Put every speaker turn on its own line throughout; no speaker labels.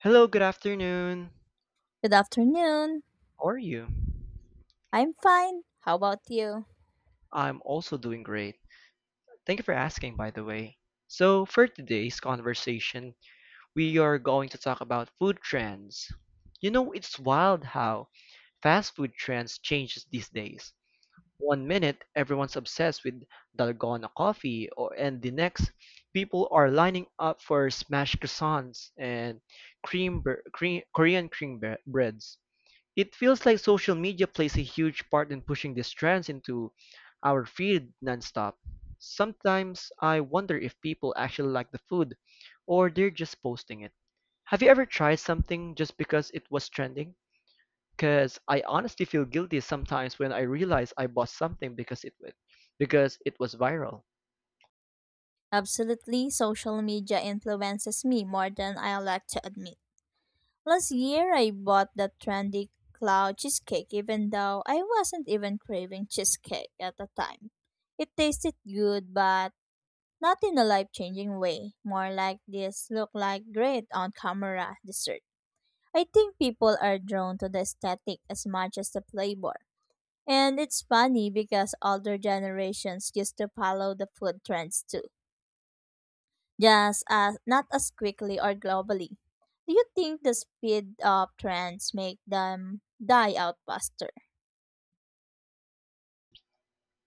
Hello, good afternoon.
Good afternoon.
How are you?
I'm fine. How about you?
I'm also doing great. Thank you for asking, by the way. So, for today's conversation, we are going to talk about food trends. You know, it's wild how fast food trends changes these days. One minute, everyone's obsessed with dalgona coffee, or and the next, people are lining up for smashed croissants and cream, bre- cream Korean cream bre- breads. It feels like social media plays a huge part in pushing these trends into our feed nonstop. Sometimes I wonder if people actually like the food or they're just posting it. Have you ever tried something just because it was trending? Because I honestly feel guilty sometimes when I realize I bought something because it was viral.
Absolutely, social media influences me more than I like to admit. Last year, I bought that trendy cloud cheesecake, even though I wasn't even craving cheesecake at the time. It tasted good, but not in a life changing way. More like this look like great on camera dessert. I think people are drawn to the aesthetic as much as the flavor. And it's funny because older generations used to follow the food trends too, just as not as quickly or globally. Do you think the speed of trends make them die out faster?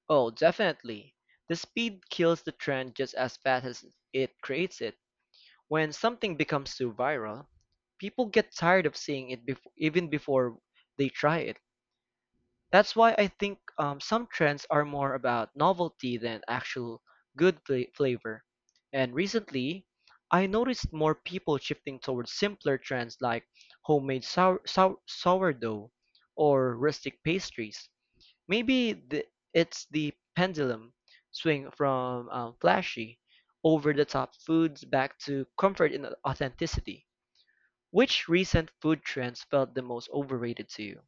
Oh, definitely. The speed kills the trend just as fast as it creates it. When something becomes too viral, people get tired of even before they try it. That's why I think some trends are more about novelty than actual flavor. And recently, I noticed more people shifting towards simpler trends like homemade sourdough or rustic pastries. Maybe the, it's the pendulum swing from flashy, over the top foods back to comfort and authenticity. Which recent food trends felt the most overrated to you?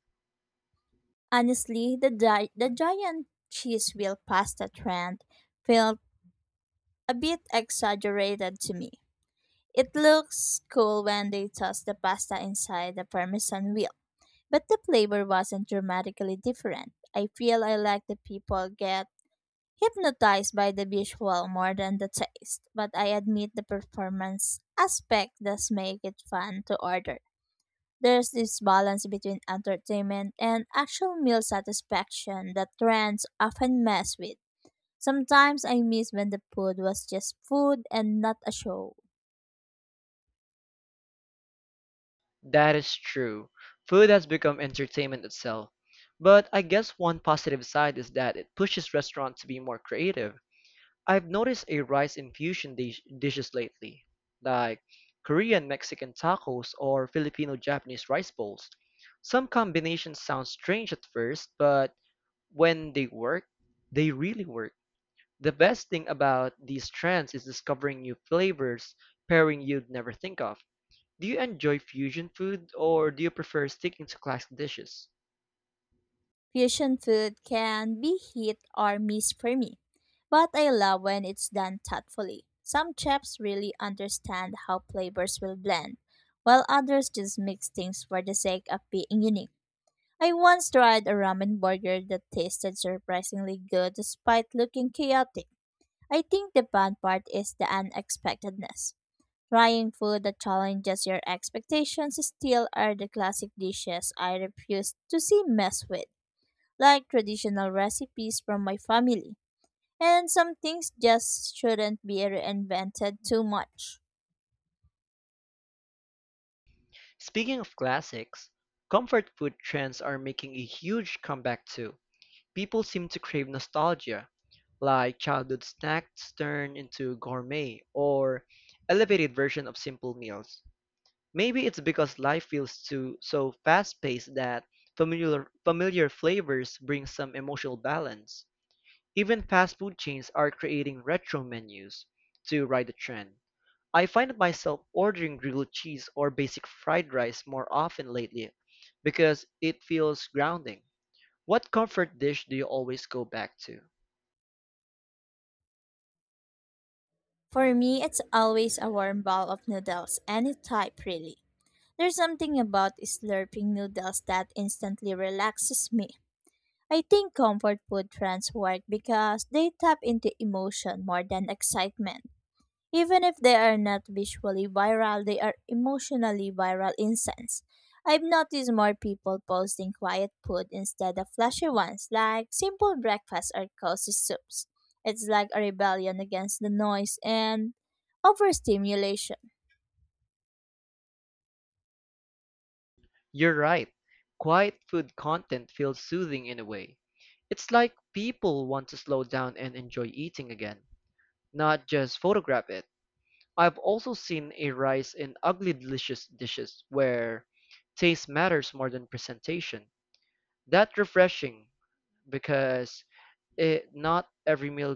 Honestly, the giant cheese wheel pasta trend felt a bit exaggerated to me. It looks cool when they toss the pasta inside the parmesan wheel, but the flavor wasn't dramatically different. I feel I like the people get hypnotized by the visual more than the taste, but I admit the performance aspect does make it fun to order. There's this balance between entertainment and actual meal satisfaction that trends often mess with. Sometimes I miss when the food was just food and not a show.
That is true. Food has become entertainment itself. But I guess one positive side is that it pushes restaurants to be more creative. I've noticed a rise in fusion dish dishes lately, like Korean Mexican tacos or Filipino Japanese rice bowls. Some combinations sound strange at first, but when they work, they really work. The best thing about these trends is discovering new flavors, pairing you'd never think of. Do you enjoy fusion food or do you prefer sticking to classic dishes?
Fusion food can be hit or miss for me, but I love when it's done thoughtfully. Some chefs really understand how flavors will blend, while others just mix things for the sake of being unique. I once tried a ramen burger that tasted surprisingly good despite looking chaotic. I think the fun part is the unexpectedness. Trying food that challenges your expectations still are the classic dishes I refuse to see mess with like traditional recipes from my family. And some things just shouldn't be reinvented too much.
Speaking of classics, comfort food trends are making a huge comeback too. People seem to crave nostalgia, like childhood snacks turned into gourmet or elevated version of simple meals. Maybe it's because life feels too so fast-paced that familiar flavors bring some emotional balance. Even fast food chains are creating retro menus to ride the trend. I find myself ordering grilled cheese or basic fried rice more often lately because it feels grounding. What comfort dish do you always go back to?
For me, it's always a warm bowl of noodles, any type really. There's something about slurping noodles that instantly relaxes me. I think comfort food trends work because they tap into emotion more than excitement. Even if they are not visually viral, they are emotionally viral in sense. I've noticed more people posting quiet food instead of flashy ones, like simple breakfasts or cozy soups. It's like a rebellion against the noise and overstimulation.
You're right. Quiet food content feels soothing in a way. It's like people want to slow down and enjoy eating again, not just photograph it. I've also seen a rise in ugly delicious dishes where taste matters more than presentation. That's refreshing because it, not every meal,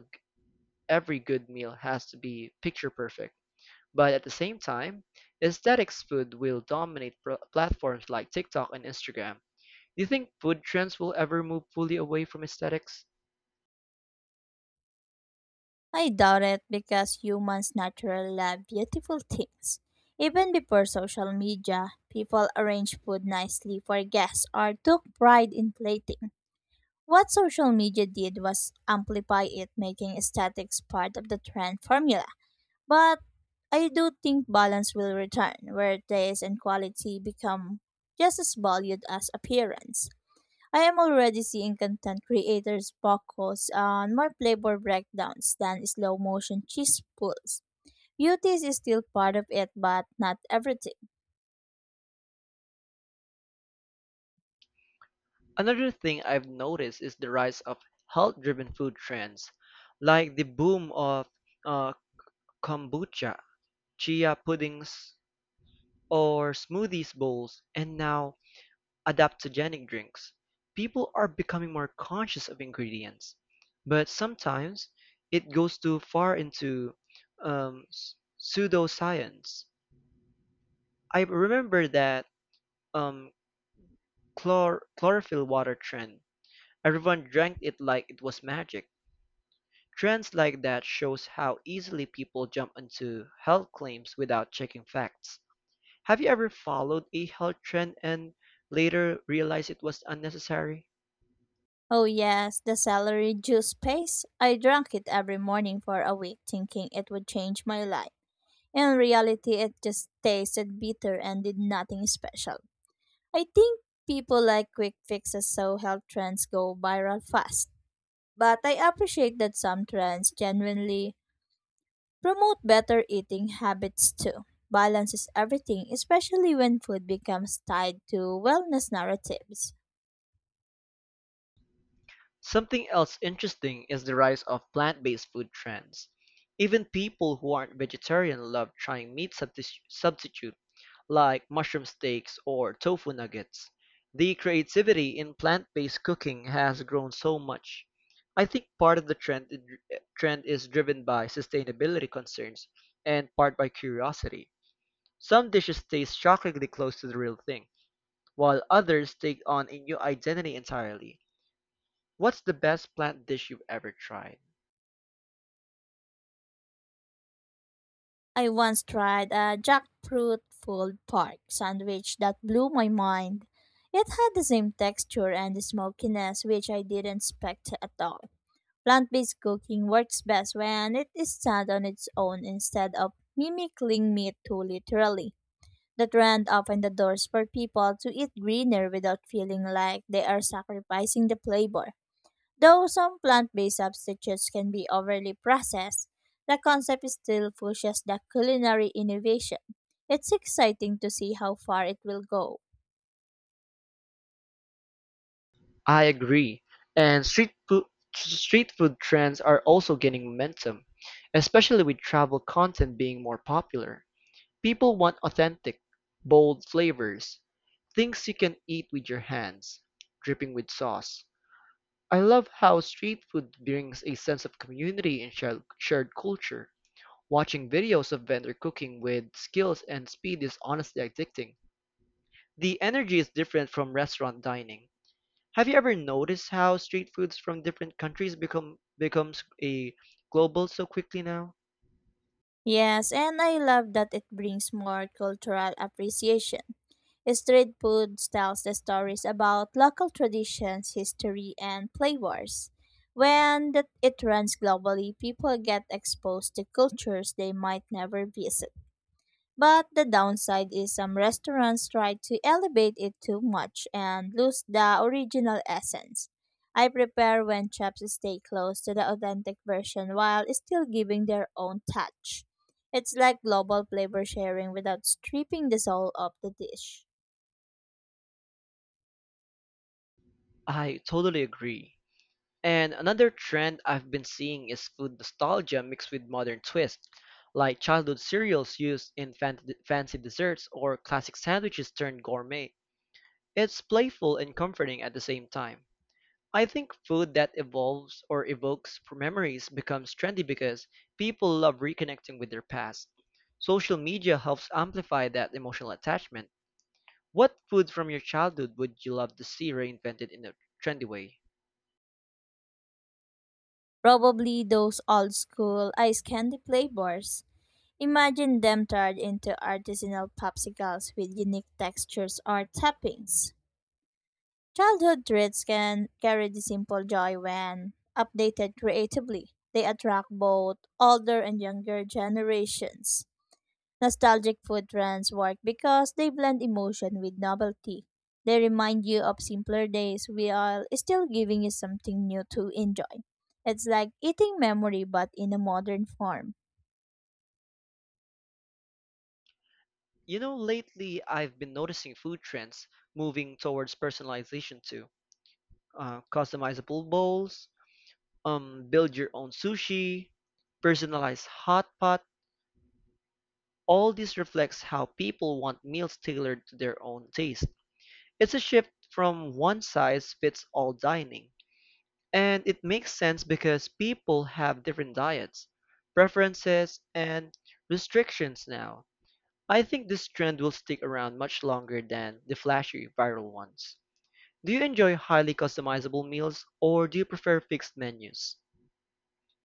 every good meal has to be picture perfect. But at the same time, aesthetics food will platforms like TikTok and Instagram. Do you think food trends will ever move fully away from aesthetics?
I doubt it because humans naturally love beautiful things. Even before social media, people arranged food nicely for guests or took pride in plating. What social media did was amplify it, making aesthetics part of the trend formula. But I do think balance will return, where taste and quality become just as valued as appearance. I am already seeing content creators focus on more flavor breakdowns than slow motion cheese pulls. Beauty is still part of it, but not everything.
Another thing I've noticed is the rise of health driven food trends, like the boom of uh, kombucha, chia puddings, or smoothies bowls, and now adaptogenic drinks. People are becoming more conscious of ingredients, but sometimes it goes too far into pseudoscience. I remember that um, chlorophyll water trend. Everyone drank it like it was magic. Trends like that shows how easily people jump into health claims without checking facts. Have you ever followed a health trend and later realized it was unnecessary?
Oh, yes, the celery juice paste. I drank it every morning for a week, thinking it would change my life. In reality, it just tasted bitter and did nothing special. I think people like quick fixes so health trends go viral fast. But I appreciate that some trends genuinely promote better eating habits too. Balance is everything, especially when food becomes tied to wellness narratives.
Something else interesting is the rise of plant-based food trends. Even people who aren't vegetarian love trying substitute like mushroom steaks or tofu nuggets. The creativity in plant-based cooking has grown so much. I think part of the trend is driven by sustainability concerns and part by curiosity. Some dishes taste shockingly close to the real thing, while others take on a new identity entirely. What's the best plant dish you've ever tried?
I once tried a jackfruit pulled pork sandwich that blew my mind. It had the same texture and the smokiness which I didn't expect at all. Plant-based cooking works best when it is done on its own instead of mimicking meat too literally. The trend opened the doors for people to eat greener without feeling like they are sacrificing the flavor. Though some plant-based substitutes can be overly processed, the concept still pushes the culinary innovation. It's exciting to see how far it will go.
I agree. And street food trends are also gaining momentum, especially with travel content being more popular. People want authentic, bold flavors, things you can eat with your hands, dripping with sauce. I love how street food brings a sense of community and shared culture. Watching videos of vendor cooking with skills and speed is honestly addicting. The energy is different from restaurant dining. Have you ever noticed how street foods from different countries becomes a global so quickly now?
Yes, and I love that it brings more cultural appreciation. Street food tells the stories about local traditions, history, and flavors. When that it runs globally, people get exposed to cultures they might never visit. But the downside is some restaurants try to elevate it too much and lose the original essence. I prepare when chefs stay close to the authentic version while still giving their own touch. It's like global flavor sharing without stripping the soul of the dish.
I totally agree. And another trend I've been seeing is food nostalgia mixed with modern twists, like childhood cereals used in fancy desserts or classic sandwiches turned gourmet. It's playful and comforting at the same time. I think food that evolves or evokes memories becomes trendy because people love reconnecting with their past. Social media helps amplify that emotional attachment. What food from your childhood would you love to see reinvented in a trendy way?
Probably those old school ice candy flavors. Imagine them turned into artisanal popsicles with unique textures or toppings. Childhood treats can carry the simple joy when updated creatively. They attract both older and younger generations. Nostalgic food trends work because they blend emotion with novelty. They remind you of simpler days while still giving you something new to enjoy. It's like eating memory but in a modern form.
You know, lately I've been noticing food trends moving towards personalization too. Customizable bowls, build your own sushi, personalized hot pot. All this reflects how people want meals tailored to their own taste. It's a shift from one size fits all dining, and it makes sense because people have different diets, preferences, and restrictions now. I think this trend will stick around much longer than the flashy viral ones. Do you enjoy highly customizable meals or do you prefer fixed menus?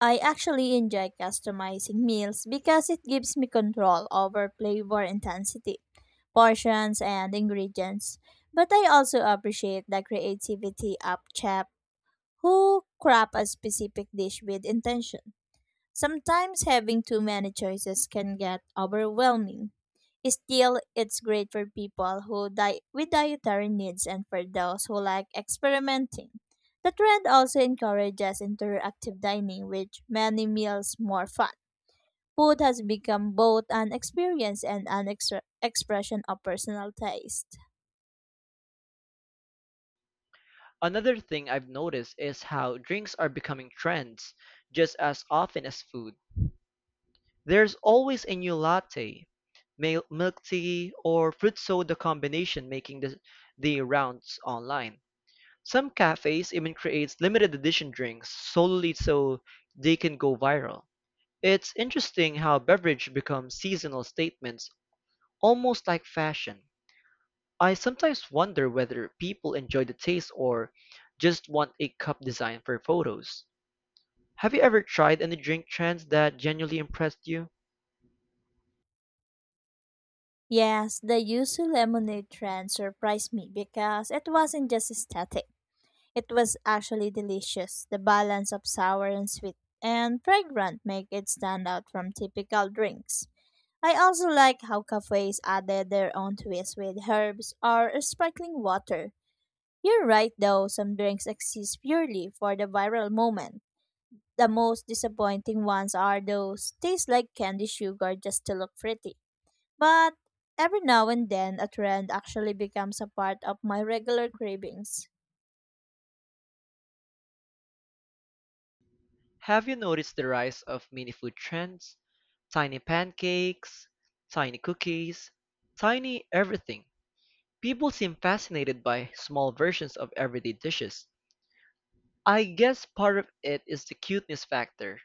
I actually enjoy customizing meals because it gives me control over flavor intensity, portions, and ingredients. But I also appreciate the creativity of chefs who craft a specific dish with intention. Sometimes having too many choices can get overwhelming. Still, it's great for people who with dietary needs and for those who like experimenting. The trend also encourages interactive dining, which many meals more fun. Food has become both an experience and an extra expression of personal taste.
Another thing I've noticed is how drinks are becoming trends just as often as food. There's always a new latte, milk tea, or fruit soda combination making the rounds online. Some cafes even creates limited edition drinks solely so they can go viral. It's interesting how beverage becomes seasonal statements almost like fashion. I sometimes wonder whether people enjoy the taste or just want a cup design for photos. Have you ever tried any drink trends that genuinely impressed you?
Yes, the yuzu lemonade trend surprised me because it wasn't just aesthetic. It was actually delicious. The balance of sour and sweet and fragrant make it stand out from typical drinks. I also like how cafes added their own twist with herbs or sparkling water. You're right though, some drinks exist purely for the viral moment. The most disappointing ones are those taste like candy sugar just to look pretty. But every now and then a trend actually becomes a part of my regular cravings.
Have you noticed the rise of mini food trends? Tiny pancakes, tiny cookies, tiny everything. People seem fascinated by small versions of everyday dishes. I guess part of it is the cuteness factor,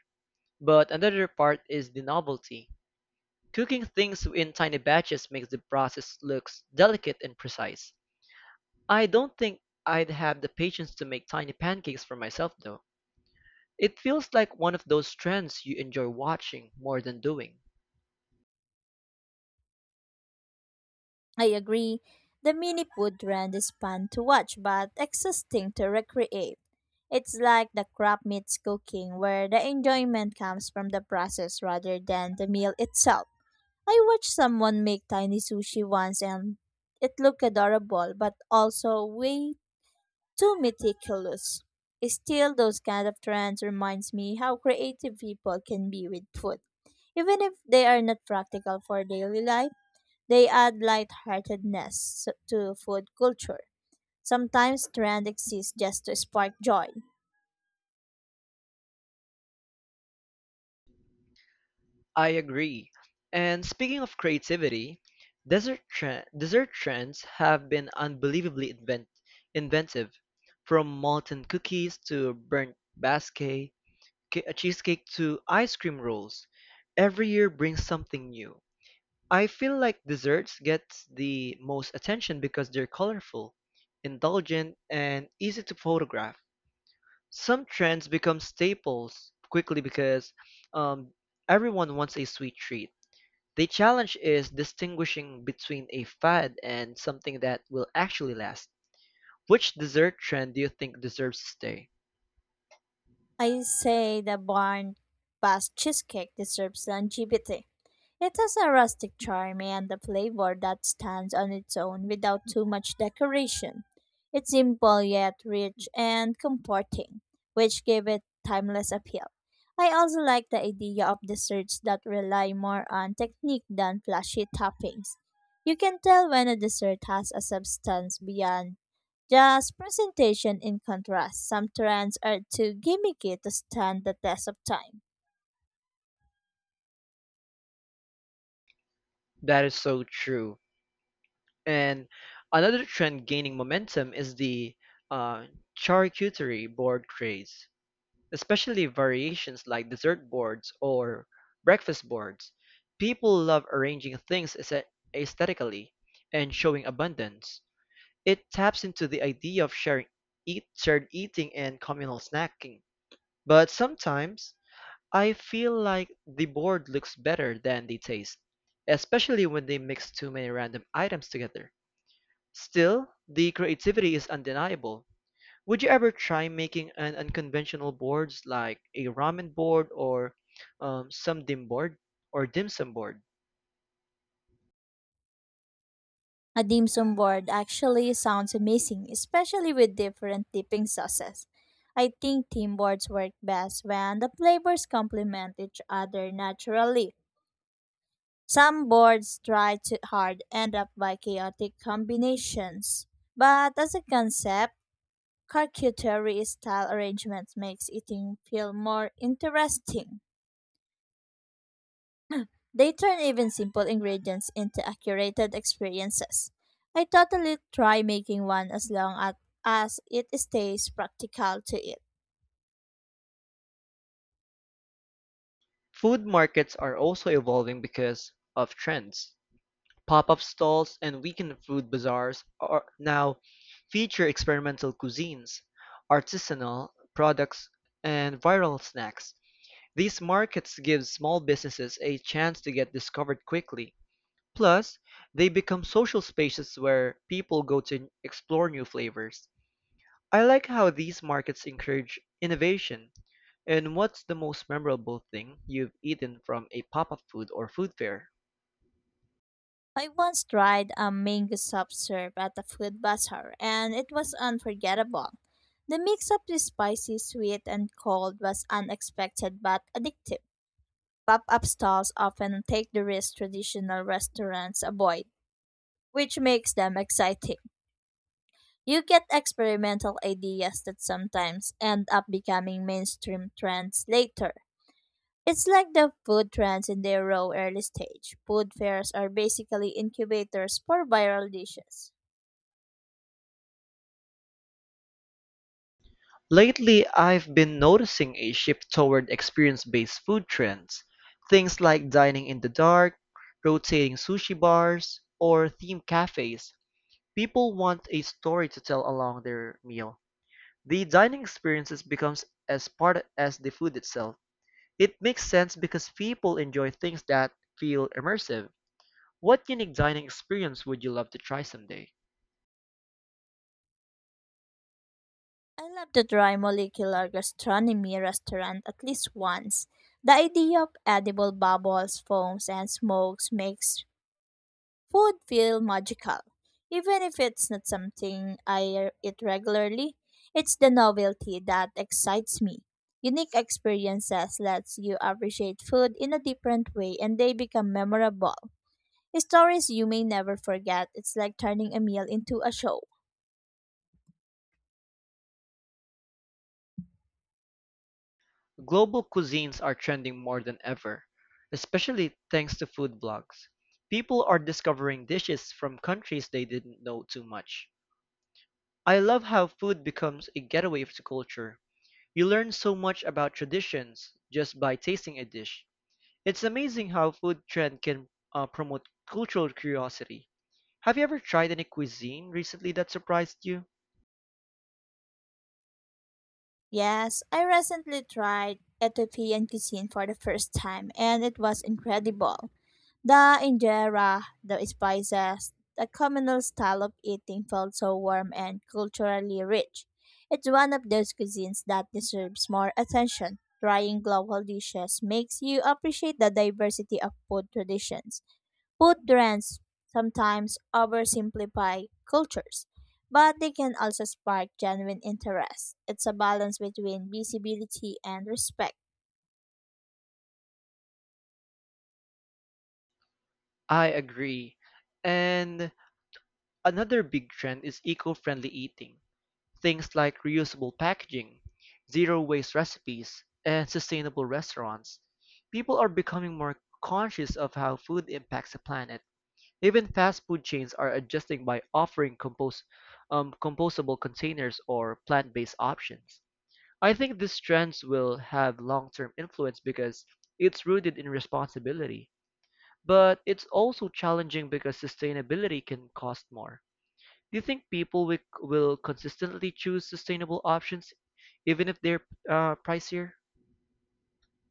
but another part is the novelty. Cooking things in tiny batches makes the process looks delicate and precise. I don't think I'd have the patience to make tiny pancakes for myself though. It feels like one of those trends you enjoy watching more than doing.
I agree. The mini food trend is fun to watch but exhausting to recreate. It's like the crap meets cooking, where the enjoyment comes from the process rather than the meal itself. I watched someone make tiny sushi once and it looked adorable but also way too meticulous. Still, those kind of trends reminds me how creative people can be with food, even if they are not practical for daily life. They add lightheartedness to food culture. Sometimes trend exists just to spark joy.
I agree. And speaking of creativity, dessert trends have been inventive, from molten cookies to burnt basque cheesecake to ice cream rolls. Every year brings something new. I feel like desserts get the most attention because they're colorful, indulgent, and easy to photograph. Some trends become staples quickly because um, everyone wants a sweet treat. The challenge is distinguishing between a fad and something that will actually last. Which dessert trend do you think deserves to stay?
I say the barn basque cheesecake deserves longevity. It has a rustic charm and a flavor that stands on its own without too much decoration. It's simple yet rich and comforting, which give it timeless appeal. I also like the idea of desserts that rely more on technique than flashy toppings. You can tell when a dessert has a substance beyond just presentation in contrast. Some trends are too gimmicky to stand the test of time.
That is so true. And another trend gaining momentum is the uh, charcuterie board craze, especially variations like dessert boards or breakfast boards. People love arranging things aesthetically and showing abundance. It taps into the idea of shared eating and communal snacking. But sometimes I feel like the board looks better than the taste, especially when they mix too many random items together. Still, the creativity is undeniable. Would you ever try making an unconventional boards like a ramen board or um, some dim board dim sum board?
A dim sum board actually sounds amazing, especially with different dipping sauces. I think theme boards work best when the flavors complement each other naturally. Some boards try too hard end up by chaotic combinations. But as a concept, charcuterie style arrangements makes eating feel more interesting. They turn even simple ingredients into curated experiences. I totally try making one as long as it stays practical to it.
Food markets are also evolving because of trends. Pop-up stalls and weekend food bazaars are now feature experimental cuisines, artisanal products, and viral snacks. These markets give small businesses a chance to get discovered quickly. Plus, they become social spaces where people go to explore new flavors. I like how these markets encourage innovation. And what's the most memorable thing you've eaten from a pop-up food or food fair?
I once tried a mango soft serve at a food bazaar and it was unforgettable. The mix of the spicy, sweet, and cold was unexpected but addictive. Pop up stalls often take the risk traditional restaurants avoid, which makes them exciting. You get experimental ideas that sometimes end up becoming mainstream trends later. It's like the food trends in their raw early stage. Food fairs are basically incubators for viral dishes.
Lately, I've been noticing a shift toward experience-based food trends. Things like dining in the dark, rotating sushi bars, or themed cafes. People want a story to tell along their meal. The dining experiences becomes as part as the food itself. It makes sense because people enjoy things that feel immersive. What unique dining experience would you love to try someday?
I love to try molecular gastronomy restaurant at least once. The idea of edible bubbles, foams, and smokes makes food feel magical. Even if it's not something I eat regularly, it's the novelty that excites me. Unique experiences lets you appreciate food in a different way and they become memorable. Stories you may never forget. It's like turning a meal into a show.
Global cuisines are trending more than ever, especially thanks to food blogs. People are discovering dishes from countries they didn't know too much. I love how food becomes a getaway to culture. You learn so much about traditions just by tasting a dish. It's amazing how food trend can promote cultural curiosity. Have you ever tried any cuisine recently that surprised you?
Yes, I recently tried Ethiopian cuisine for the first time and it was incredible. The injera, the spices, the communal style of eating felt so warm and culturally rich. It's one of those cuisines that deserves more attention. Trying global dishes makes you appreciate the diversity of food traditions. Food trends sometimes oversimplify cultures, but they can also spark genuine interest. It's a balance between visibility and respect.
I agree. And another big trend is eco-friendly eating. Things like reusable packaging, zero waste recipes, and sustainable restaurants. People are becoming more conscious of how food impacts the planet. Even fast food chains are adjusting by offering compostable containers or plant-based options. I think these trends will have long-term influence because it's rooted in responsibility, but it's also challenging because sustainability can cost more. Do you think people will consistently choose sustainable options even if they're pricier?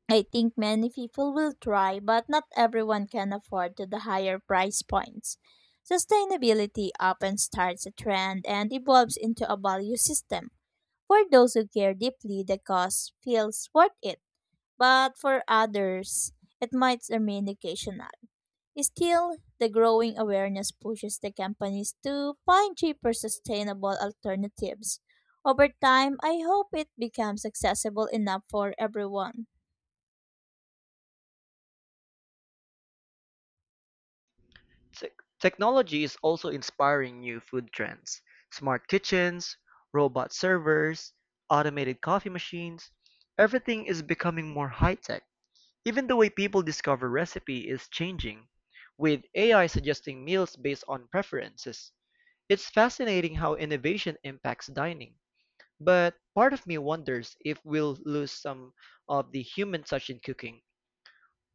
I think many people will try, but not everyone can afford to the higher price points. Sustainability often starts a trend and evolves into a value system. For those who care deeply, the cost feels worth it, but for others, it might remain occasional. Still, the growing awareness pushes the companies to find cheaper sustainable alternatives. Over time, I hope it becomes accessible enough for everyone.
Tech Technology is also inspiring new food trends. Smart kitchens, robot servers, automated coffee machines, everything is becoming more high-tech. Even the way people discover recipe is changing, with AI suggesting meals based on preferences. It's fascinating how innovation impacts dining, but part of me wonders if we'll lose some of the human touch in cooking.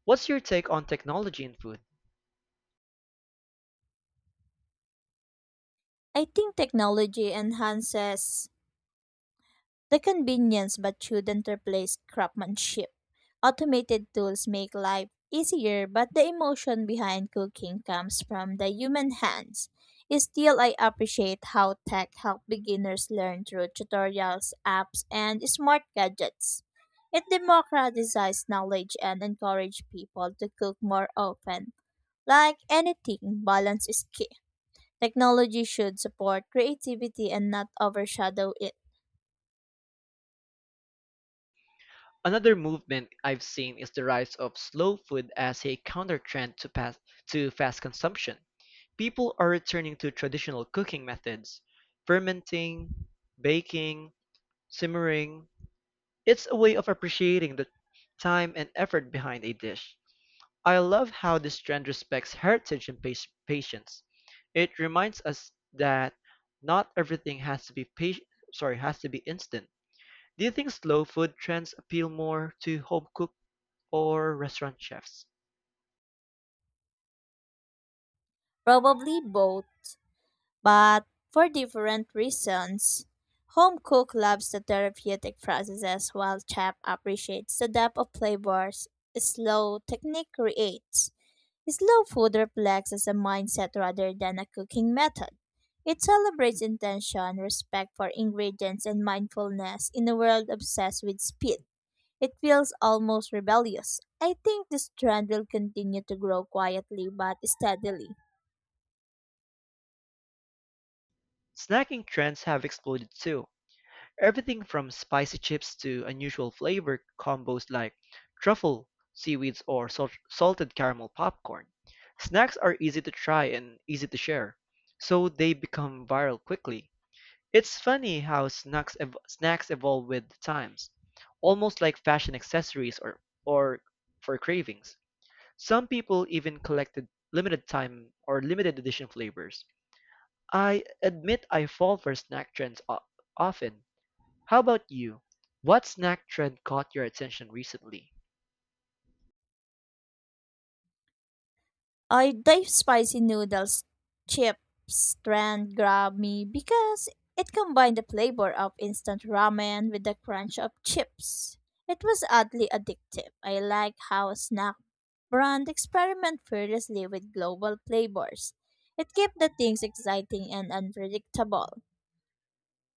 What's your take on technology in food?
I think technology enhances the convenience but shouldn't replace craftsmanship. Automated tools make life easier, but the emotion behind cooking comes from the human hands. Still, I appreciate how tech helps beginners learn through tutorials, apps, and smart gadgets. It democratizes knowledge and encourages people to cook more often. Like anything, balance is key. Technology should support creativity and not overshadow it.
Another movement I've seen is the rise of slow food as a counter trend to fast consumption. People are returning to traditional cooking methods: fermenting, baking, simmering. It's a way of appreciating the time and effort behind a dish. I love how this trend respects heritage and patience. It reminds us that not everything has to be patient, sorry, has to be instant. Do you think slow food trends appeal more to home cook or restaurant chefs?
Probably both, but for different reasons. Home cook loves the therapeutic processes while chef appreciates the depth of flavors slow technique creates. Slow food reflects as a mindset rather than a cooking method. It celebrates intention, respect for ingredients, and mindfulness in a world obsessed with speed. It feels almost rebellious. I think this trend will continue to grow quietly but steadily.
Snacking trends have exploded too. Everything from spicy chips to unusual flavor combos like truffle, seaweeds, or salted caramel popcorn. Snacks are easy to try and easy to share, so they become viral quickly. It's funny how snacks evolve with the times, almost like fashion accessories or for cravings. Some people even collected limited time or limited edition flavors. I admit I fall for snack trends often. How about you? What snack trend caught your attention recently?
I the spicy noodles chips trend grabbed me because it combined the flavor of instant ramen with the crunch of chips. It was oddly addictive. I like how a snack brand experiment fearlessly with global flavors. It kept the things exciting and unpredictable.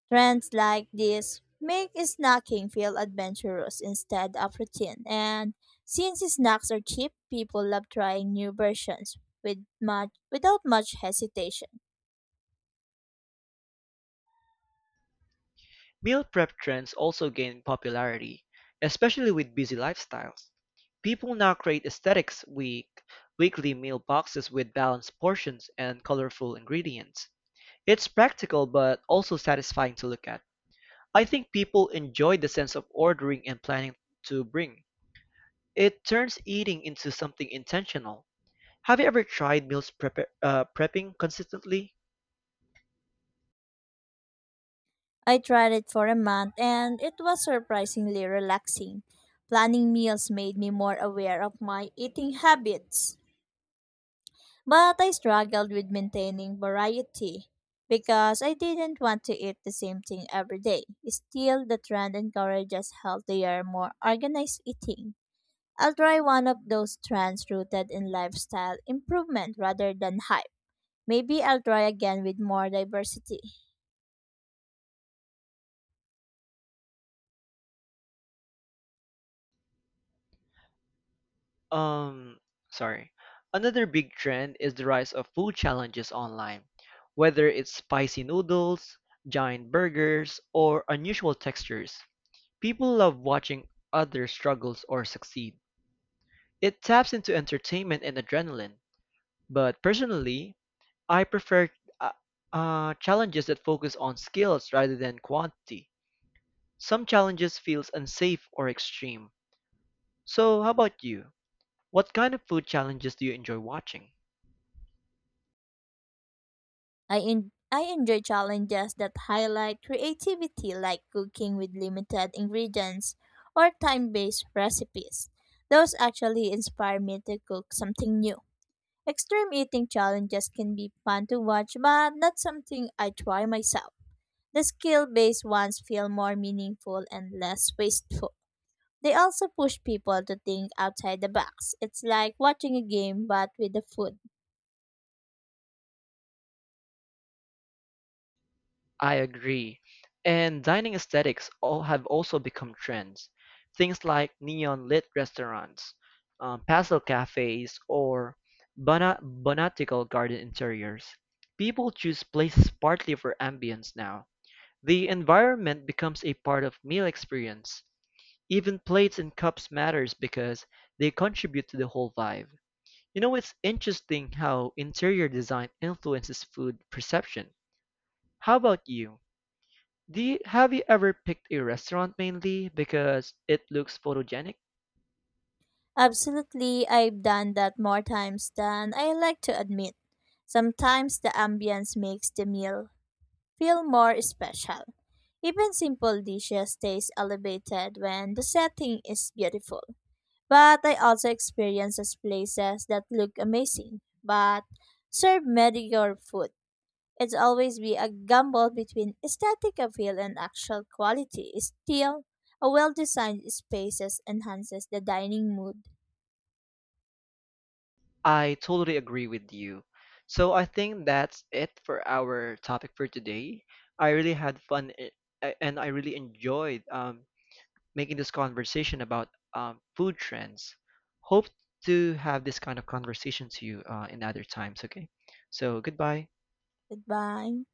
Trends like this make snacking feel adventurous instead of routine. And since snacks are cheap, people love trying new versions with much, without much hesitation.
Meal prep trends also gained popularity, especially with busy lifestyles. People now create aesthetics week weekly meal boxes with balanced portions and colorful ingredients. It's practical but also satisfying to look at. I think people enjoy the sense of ordering and planning to bring. It turns eating into something intentional. Have you ever tried prepping consistently?
I tried it for a month and it was surprisingly relaxing. Planning meals made me more aware of my eating habits. But I struggled with maintaining variety because I didn't want to eat the same thing every day. Still, the trend encourages healthier, more organized eating. I'll try one of those trends rooted in lifestyle improvement rather than hype. Maybe I'll try again with more diversity.
Um, Sorry. Another big trend is the rise of food challenges online, whether it's spicy noodles, giant burgers, or unusual textures. People love watching others struggle or succeed. It taps into entertainment and adrenaline. But personally, I prefer uh, challenges that focus on skills rather than quantity. Some challenges feels unsafe or extreme. So how about you? What kind of food challenges do you enjoy watching?
I enjoy challenges that highlight creativity like cooking with limited ingredients or time-based recipes. Those actually inspire me to cook something new. Extreme eating challenges can be fun to watch, but not something I try myself. The skill based ones feel more meaningful and less wasteful. They also push people to think outside the box. It's like watching a game, but with the food.
I agree. And dining aesthetics all have also become trends. Things like neon lit restaurants, pastel cafes, or botanical garden interiors. People choose places partly for ambience now. The environment becomes a part of meal experience. Even plates and cups matters because they contribute to the whole vibe. You know, it's interesting how interior design influences food perception. How about you? Have you ever picked a restaurant mainly because it looks photogenic?
Absolutely, I've done that more times than I like to admit. Sometimes the ambience makes the meal feel more special. Even simple dishes taste elevated when the setting is beautiful. But I also experiences places that look amazing, but serve mediocre food. It's always be a gamble between aesthetic appeal and actual quality. Still, a well-designed spaces enhances the dining mood.
I totally agree with you. So I think that's it for our topic for today. I really had fun and I really enjoyed making this conversation about food trends. Hope to have this kind of conversation to you in other times, okay? So goodbye.
Goodbye.